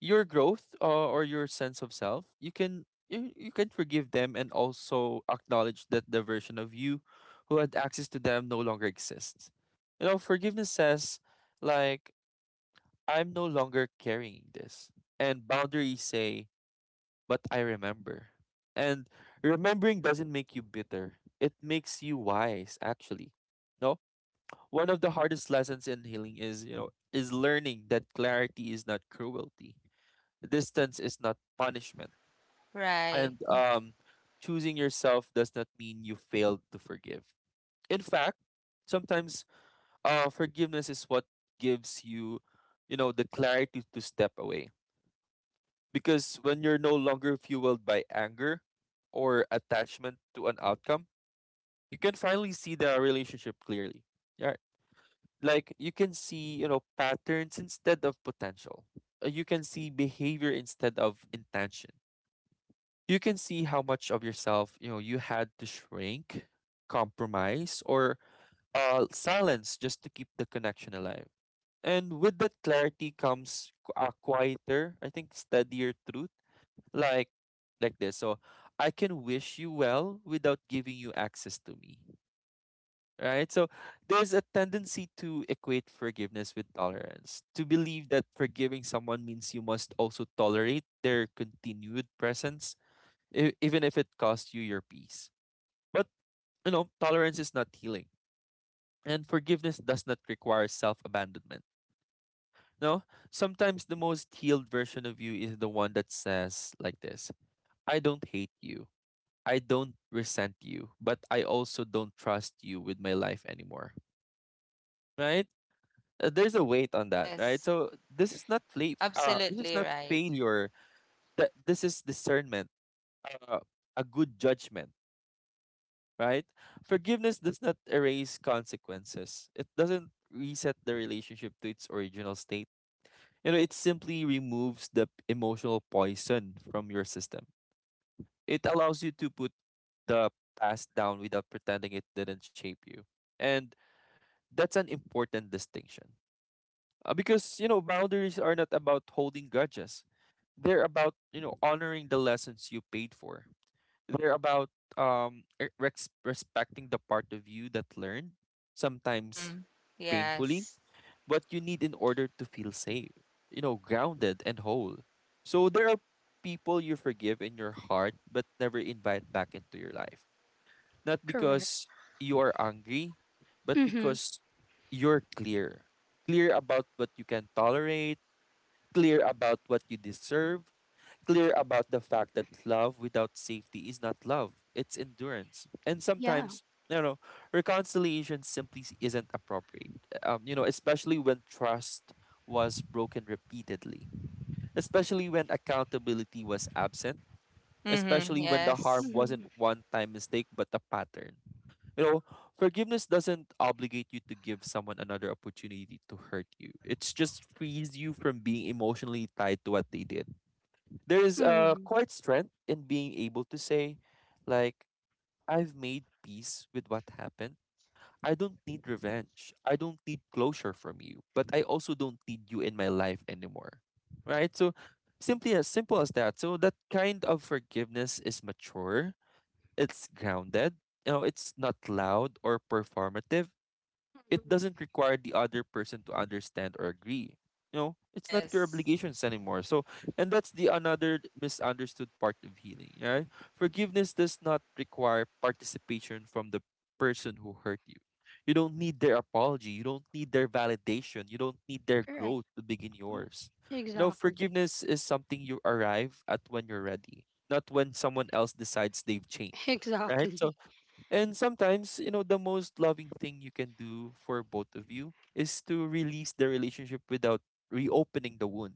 Speaker 1: your growth, or your sense of self, you can forgive them and also acknowledge that the version of you who had access to them no longer exists. You know, forgiveness says, like I'm no longer carrying this, and boundaries say, but I remember. And remembering doesn't make you bitter, it makes you wise actually. No, one of the hardest lessons in healing is, you know, is learning that clarity is not cruelty. Distance is not punishment. And choosing yourself does not mean you failed to forgive. In fact, sometimes forgiveness is what gives you, you know, the clarity to step away. Because when you're no longer fueled by anger or attachment to an outcome, you can finally see the relationship clearly. Yeah. Like you can see, you know, patterns instead of potential. You can see behavior instead of intention. You can see how much of yourself, you know, you had to shrink, compromise, or silence just to keep the connection alive. And with that clarity comes a quieter, I think, steadier truth, like like this so, I can wish you well without giving you access to me. Right? So, there's a tendency to equate forgiveness with tolerance, to believe that forgiving someone means you must also tolerate their continued presence, even if it costs you your peace. But, you know, tolerance is not healing, and forgiveness does not require self abandonment. No, sometimes the most healed version of you is the one that says, like this, I don't hate you, I don't resent you, but I also don't trust you with my life anymore. Right? There's a weight on that, right? So this is not this is not failure. That this is discernment, uh, a good judgment, right? Forgiveness does not erase consequences. It doesn't reset the relationship to its original state. You know, it simply removes the emotional poison from your system. It allows you to put the past down without pretending it didn't shape you. And that's an important distinction. Because, you know, boundaries are not about holding grudges. They're about, you know, honoring the lessons you paid for. They're about e- rex respecting the part of you that learned, sometimes painfully, what you need in order to feel safe, you know, grounded and whole. So there are people you forgive in your heart but never invite back into your life, not
Speaker 2: Correct.
Speaker 1: because you are angry, but
Speaker 2: Mhm.
Speaker 1: because you're clear. Clear about what you can tolerate, clear about what you deserve, clear about the fact that love without safety is not love, it's endurance. And
Speaker 2: Yeah.
Speaker 1: sometimes, you know, reconciliation simply isn't appropriate, you know, especially when trust was broken repeatedly, especially when accountability was absent, especially when the harm
Speaker 2: Mm-hmm.
Speaker 1: wasn't one time mistake but a pattern. You know, forgiveness doesn't obligate you to give someone another opportunity to hurt you. It's just frees you from being emotionally tied to what they did. There is a
Speaker 2: Mm-hmm.
Speaker 1: quite strength in being able to say, like, I've made peace with what happened. I don't need revenge. I don't need closure from you, but I also don't need you in my life anymore. Right? So, simply as simple as that. So, that kind of forgiveness is mature, it's grounded, you know, it's not loud or performative. It doesn't
Speaker 2: Mm-hmm.
Speaker 1: require the other person to understand or agree. You know, it's not your obligations anymore. So, and that's the another misunderstood part of healing, right? Forgiveness does not require participation from the person who hurt you. You don't need their apology. You don't need their validation. You don't need their
Speaker 2: Correct.
Speaker 1: growth to begin
Speaker 2: Uh,
Speaker 1: yours. You know,
Speaker 2: Exactly.
Speaker 1: forgiveness is something you arrive at when you're ready, not when someone else decides they've changed, right? So,
Speaker 2: Exactly.
Speaker 1: and sometimes, you know, the most loving thing you can do for both of you is to release the relationship without reopening the wound.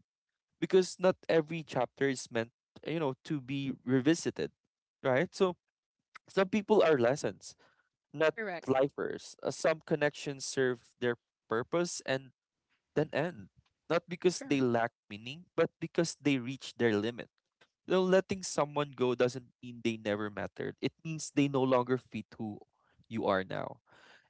Speaker 1: Because not every chapter is meant, you know, to be revisited, right? So some people are lessons, not
Speaker 2: Correct.
Speaker 1: lifers. Some connections serve their purpose and then end, not because they
Speaker 2: Correct.
Speaker 1: lack meaning, but because they reach their limit. You letting someone go doesn't mean they never mattered. It means they no longer fit who you are now.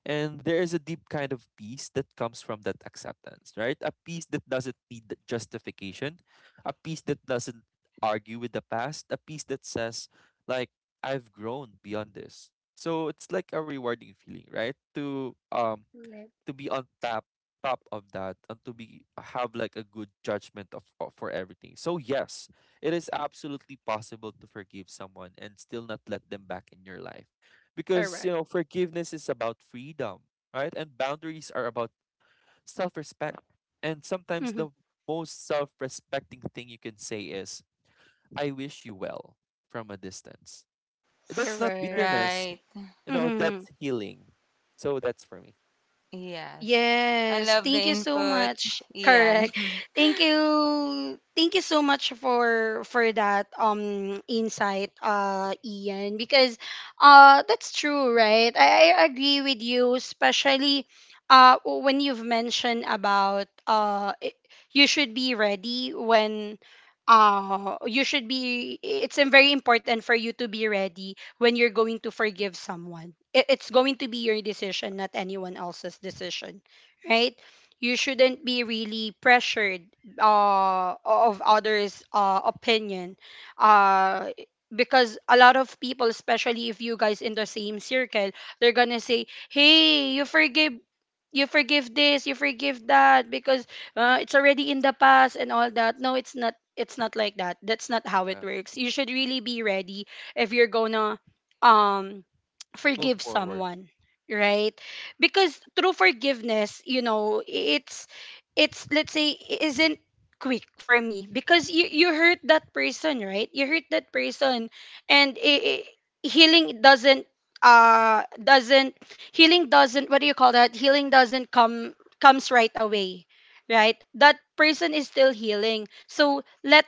Speaker 1: And there is a deep kind of peace that comes from that acceptance, right? A peace that doesn't need the justification, a peace that doesn't argue with the past, a peace that says, like, I've grown beyond this. So it's like a rewarding feeling, right?
Speaker 2: Correct.
Speaker 1: To be on top of that and to be have like a good judgment of for everything. So yes, it is absolutely possible to forgive someone and still not let them back in your life. Because,
Speaker 2: Correct.
Speaker 1: you know, forgiveness is about freedom, right? And boundaries are about self-respect. And sometimes
Speaker 2: Mm-hmm.
Speaker 1: the most self-respecting thing you can say is, "I wish you well" from a distance. That's not
Speaker 2: Correct.
Speaker 1: bitterness, you know,
Speaker 2: Mm-hmm.
Speaker 1: that's healing. So that's for me.
Speaker 2: Yes, thank you so much. Correct. Thank you. Thank you so much for that insight, Ian, because that's true, right? I agree with you, especially when you've mentioned about you should be ready when you should be, it's very important for you to be ready when you're going to forgive someone. It's going to be your decision, not anyone else's decision, right? You shouldn't be really pressured of others' opinion, uh, because a lot of people, especially if you guys in the same circle, they're gonna say, "Hey, you forgive, this, you forgive that because it's already in the past and all that." No, it's not. It's not like that. That's not how it
Speaker 1: Yeah.
Speaker 2: works. You should really be ready if you're gonna um
Speaker 1: Move
Speaker 2: forgive
Speaker 1: forward.
Speaker 2: someone, right? Because through forgiveness, you know, it's let's say isn't quick for me because you hurt that person, right? You hurt that person, and I healing doesn't uh doesn't healing doesn't, what do you call that, healing doesn't come comes right away, right? That person is still healing, so let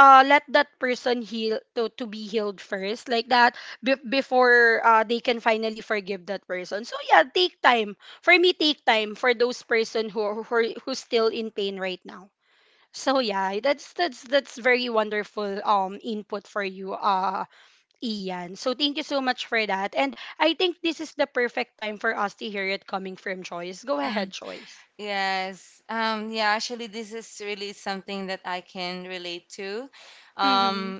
Speaker 2: uh let that person heal to, be healed first, like that, before they can finally forgive that person. So yeah, take time for me, take time for those person who's still in pain right now. So yeah, that's very wonderful input for you, Ian. So thank you so much for that. And I think this is the perfect time for us to hear it coming from Joyce. Go ahead, Joyce. Mm-hmm.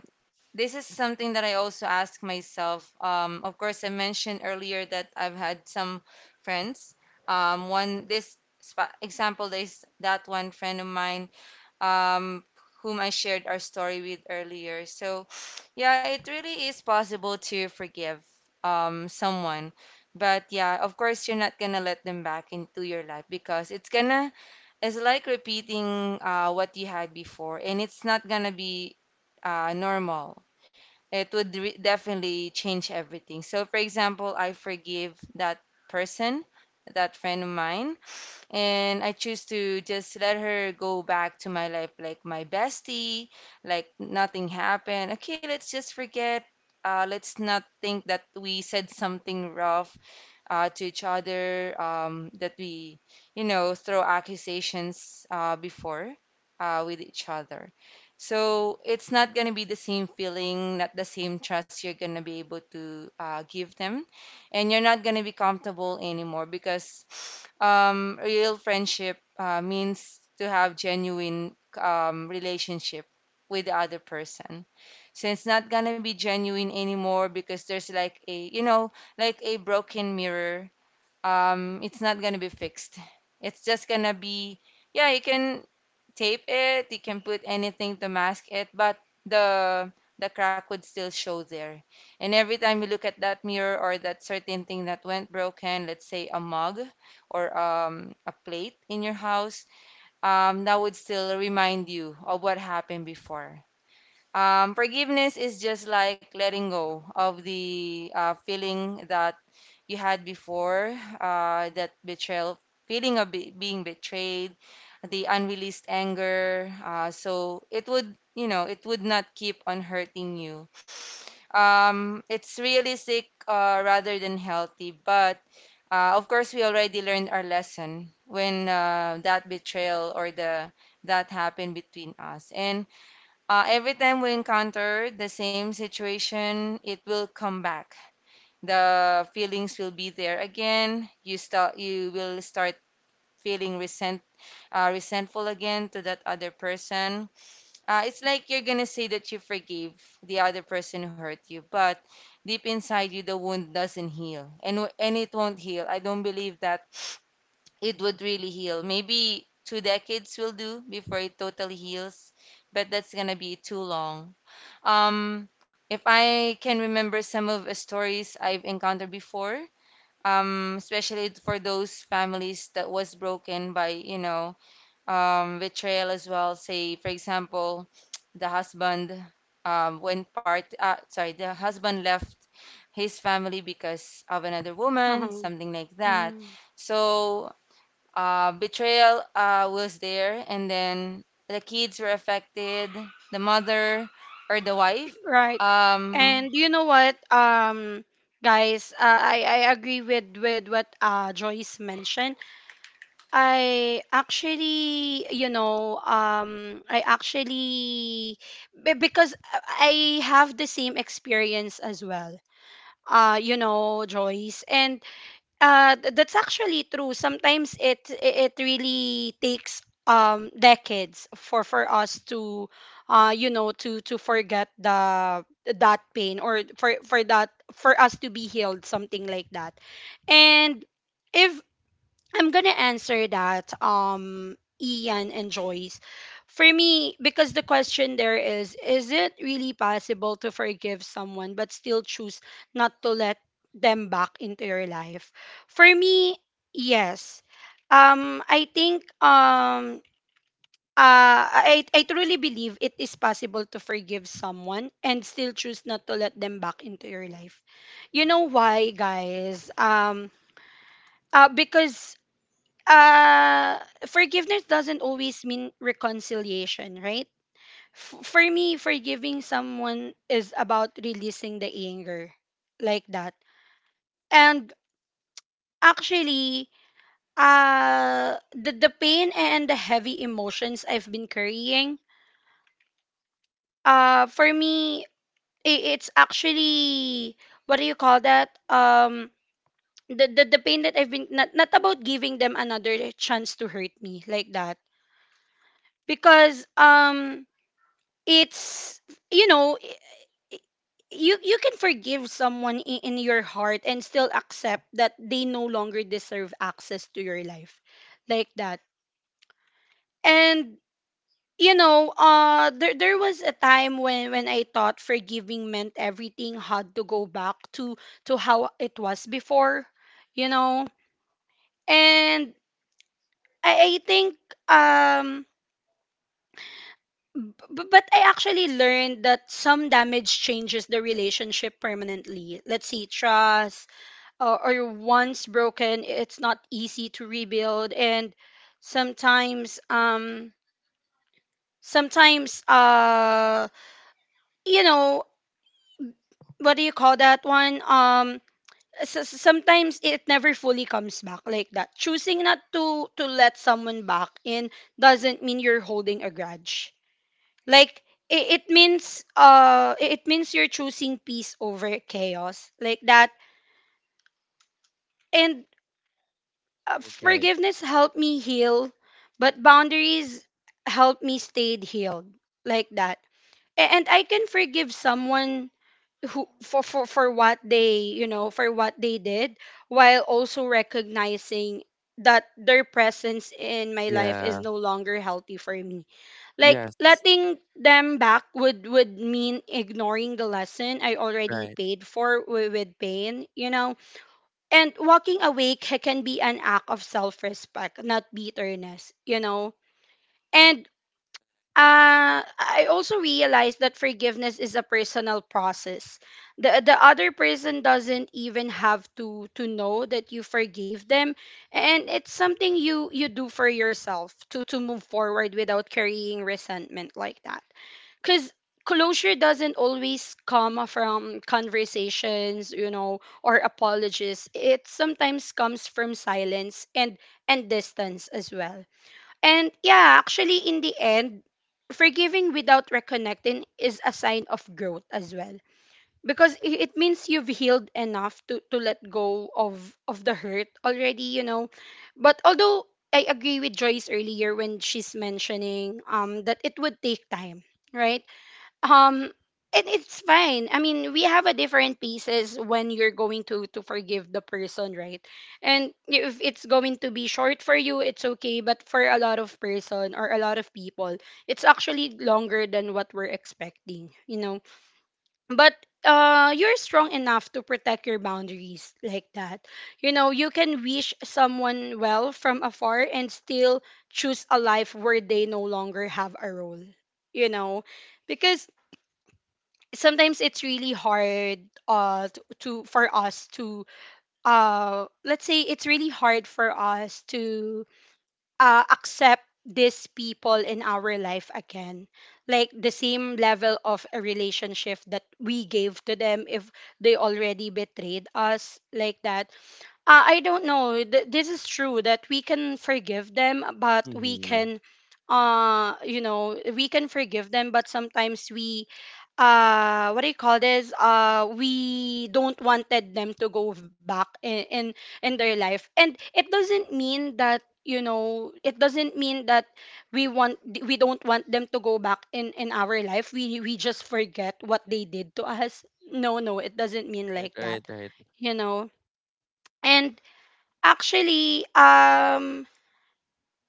Speaker 2: Uh-huh. hmm Right. And you know what, guys, I agree with what Joyce mentioned. I actually, you know, I actually, because I have the same experience as well. You know, Joyce. And That's actually true. Sometimes it really takes decades for us to you know to forget the that pain or for that for us to be healed, something like that. And if I'm gonna answer that, Ian and Joyce. For me, because the question there is it really possible to forgive someone but still choose not to let them back into your life? For me, yes. I think I truly believe it is possible to forgive someone and still choose not to let them back into your life. You know why, guys? Because uh forgiveness doesn't always mean reconciliation, right? For me, forgiving someone is about releasing the anger, like that, and actually the pain and the heavy emotions I've been carrying, for me, it's actually, what do you call that, the pain that I've been, not, not about giving them another chance to hurt me, like that. Because it's, you know, i- you can forgive someone in your heart and still accept that they no longer deserve access to your life, like that. And you know there was a time when I thought forgiving meant everything had to go back to how it was before, you know. And I think um but I actually learned that some damage changes the relationship permanently. Let's see, trust, or once broken, it's not easy to rebuild. And sometimes, sometimes, you know, what do you call that one? Sometimes it never fully comes back, like that. Choosing not to let someone back in doesn't mean you're holding a grudge, like it means it means you're choosing peace over chaos, like that. And
Speaker 1: Right, right.
Speaker 2: forgiveness helped me heal, but boundaries helped me stay healed, like that. And I can forgive someone who for what they, you know, for what they did, while also recognizing that their presence in my life is
Speaker 1: Yeah.
Speaker 2: no longer healthy for me. Like
Speaker 1: Yes.
Speaker 2: letting them back would mean ignoring the lesson I already
Speaker 1: Right.
Speaker 2: paid for with pain, you know. And walking away can be an act of self-respect, not bitterness, you know. And I also realized that forgiveness is a personal process. The other person doesn't even have to know that you forgave them, and it's something you do for yourself to move forward without carrying resentment, like that. Because closure doesn't always come from conversations, you know, or apologies. It sometimes comes from silence and distance as well. And yeah, actually in the end, forgiving without reconnecting is a sign of growth as well, because it means you've healed enough to let go of the hurt already, you know. But although I agree with Joyce earlier when she's mentioning that it would take time, right? um and it's fine. I mean, we have a different pieces when you're going to forgive the person, right? And if it's going to be short for you, it's okay. But for a lot of person or a lot of people, it's actually longer than what we're expecting, you know. But you're strong enough to protect your boundaries, like that. You know, you can wish someone well from afar and still choose a life where they no longer have a role, you know. Because sometimes it's really hard to for us to let's say it's really hard for us to accept these people in our life again, like the same level of a relationship that we gave to them if they already betrayed us, like that. I don't know. This is true that we can forgive them, but we
Speaker 1: Mm-hmm.
Speaker 2: can, you know, we can forgive them, but sometimes we, what do you call this? We don't wanted them to go back in their life, and it doesn't mean that, you know, it doesn't mean that we want we don't want them to go back in our life, we just forget what they did to us. No, no, it doesn't mean
Speaker 1: Right,
Speaker 2: like
Speaker 1: right,
Speaker 2: that,
Speaker 1: right.
Speaker 2: you know. And actually,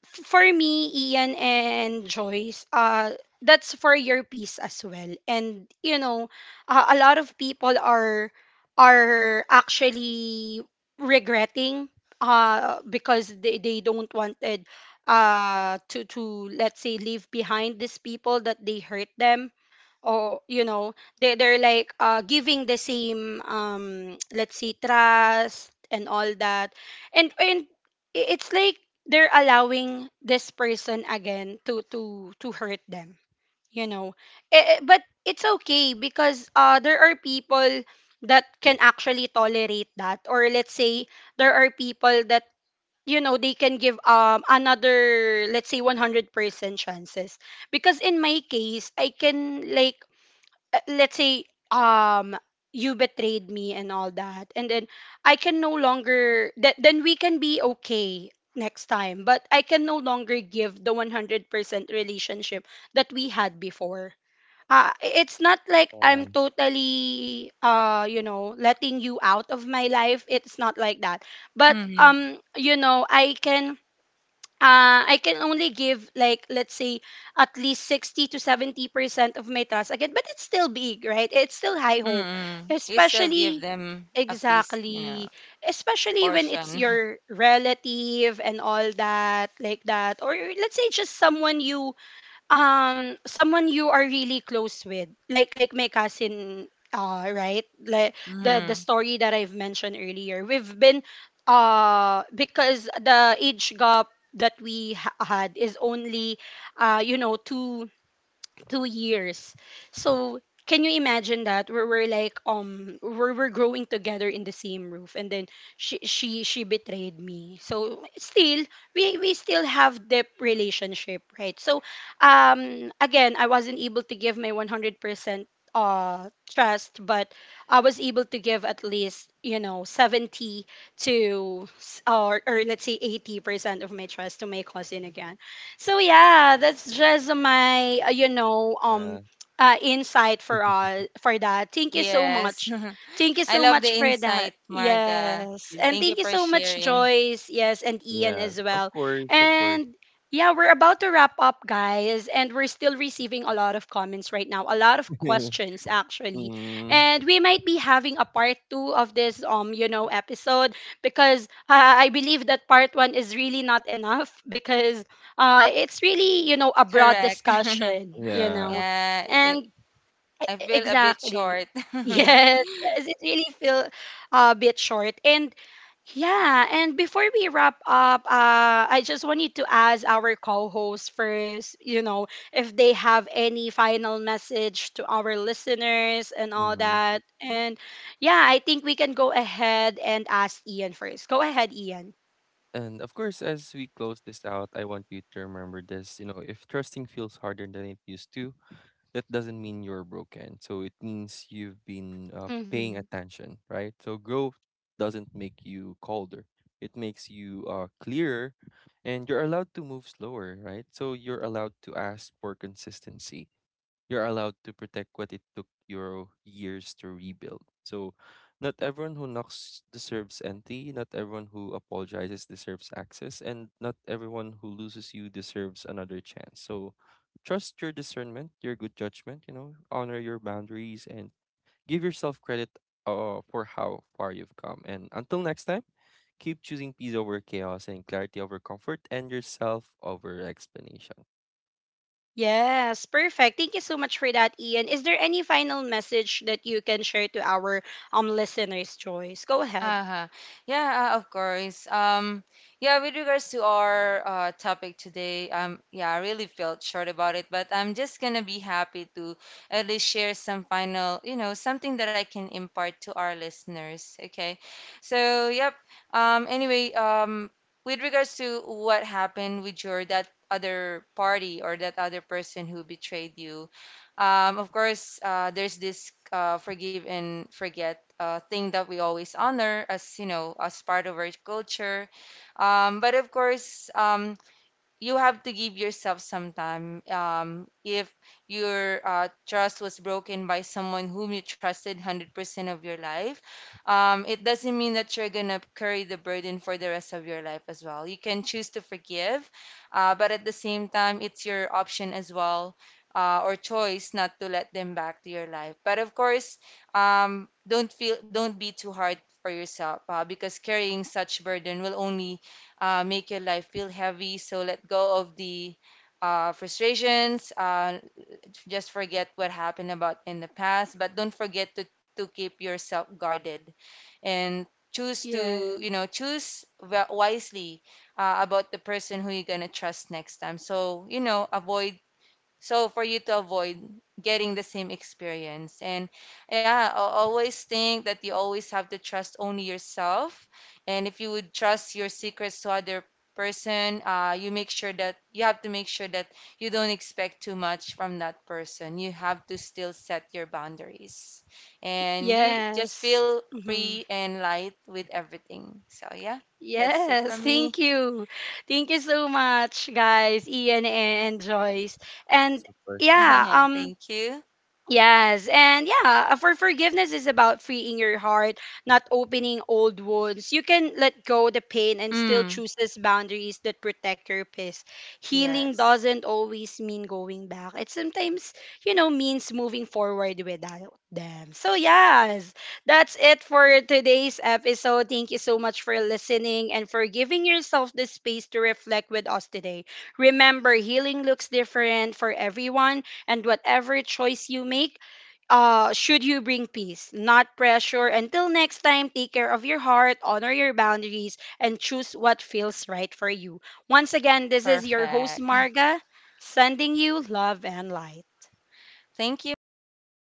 Speaker 2: for me, Ian and Joyce, that's for your peace as well. And you know, a lot of people are actually regretting because they don't wanted to let's say leave behind these people that they hurt them, or you know they're like giving the same let's see, trust and all that, and it's like they're allowing this person again to to hurt them, you know. Eh, eh, but it's okay because there are people that can actually tolerate that, or let's say there are people that you know they can give another, let's say, 100% chances. Because in my case I can like, let's say, um you betrayed me and all that, and then I can no longer that, then we can be okay next time, but I can no longer give the 100% relationship that we had before. It's not like
Speaker 1: Uh.
Speaker 2: I'm totally you know letting you out of my life, it's not like that. But you know I can I can only give like let's say at least 60 to 70% of my task again, but it's still big, right? It's still high hope, especially, exactly, especially when it's your relative and all that, like that, or let's say just someone you, someone you are really close with, like my cousin, right, like the story that I've mentioned earlier. We've been, because the age gap that we had is only, you know, two two years. So can you imagine that, where we're like, we're growing together in the same roof? And then she betrayed me, so still we still have deep relationship, right? So again I wasn't able to give my 100% trust, but I was able to give at least, you know, 70 to or let's say 80% of my trust to my cousin again. So yeah, that's just my, you know,
Speaker 1: Yeah.
Speaker 2: insight for all for that. Thank you so much. Thank you so much for that. Yes,
Speaker 1: Hina
Speaker 2: and
Speaker 1: lang.
Speaker 2: thank you so much, Joyce. Yes, and Ian
Speaker 1: Yeah,
Speaker 2: as
Speaker 1: of
Speaker 2: well.
Speaker 1: course, of course.
Speaker 2: And yeah, we're about to wrap up, guys, and we're still receiving a lot of comments right now, a lot of questions actually,
Speaker 1: Mm,
Speaker 2: and we might be having a part two of this you know episode, because I believe that part one is really not enough because it's really you know a broad discussion, you
Speaker 1: yeah.
Speaker 2: know. And exactly yes, yes, it really feel a bit short. And yeah, and before we wrap up, I just wanted to ask our co-hosts first, you know, if they have any final message to our listeners and all
Speaker 1: Hmm.
Speaker 2: that. And yeah, I think we can go ahead and ask Ian first. Go ahead, Ian.
Speaker 1: And of course, as we close this out, I want you to remember this. You know, if trusting feels harder than it used to, that doesn't mean you're broken. So it means you've been paying
Speaker 2: Mm-hmm.
Speaker 1: attention, right? So growth doesn't make you colder. It makes you clearer, and you're allowed to move slower, right? So you're allowed to ask for consistency, you're allowed to protect what it took your years to rebuild. So, not everyone who knocks deserves entry, not everyone who apologizes deserves access, and not everyone who loses you deserves another chance. So, trust your discernment, your good judgment, you know, honor your boundaries, and give yourself credit for how far you've come. And until next time, keep choosing peace over chaos and clarity over comfort and yourself over explanation.
Speaker 2: Yes, perfect. Thank you so much for that, Ian. Is there any final message that you can share to our listeners, Joyce? Go ahead. Yeah. Yes. hmm Yes. Thank you. Thank you so much, guys, Ian and Joyce. And
Speaker 1: So, first,
Speaker 2: yeah, yes, and yeah, for forgiveness is about freeing your heart, not opening old wounds. You can let go the pain and still choose these boundaries that protect your peace. Healing doesn't always mean going back. It sometimes, you know, means moving forward without them. So yes, that's it for today's episode. Thank you so much for listening and for giving yourself the space to reflect with us today. Remember, healing looks different for everyone, and whatever choice you make, should you bring peace, not pressure. Until next time, take care of your heart, honor your boundaries, and choose what feels right for you. Once again, this is your host, Marga, sending you love and light.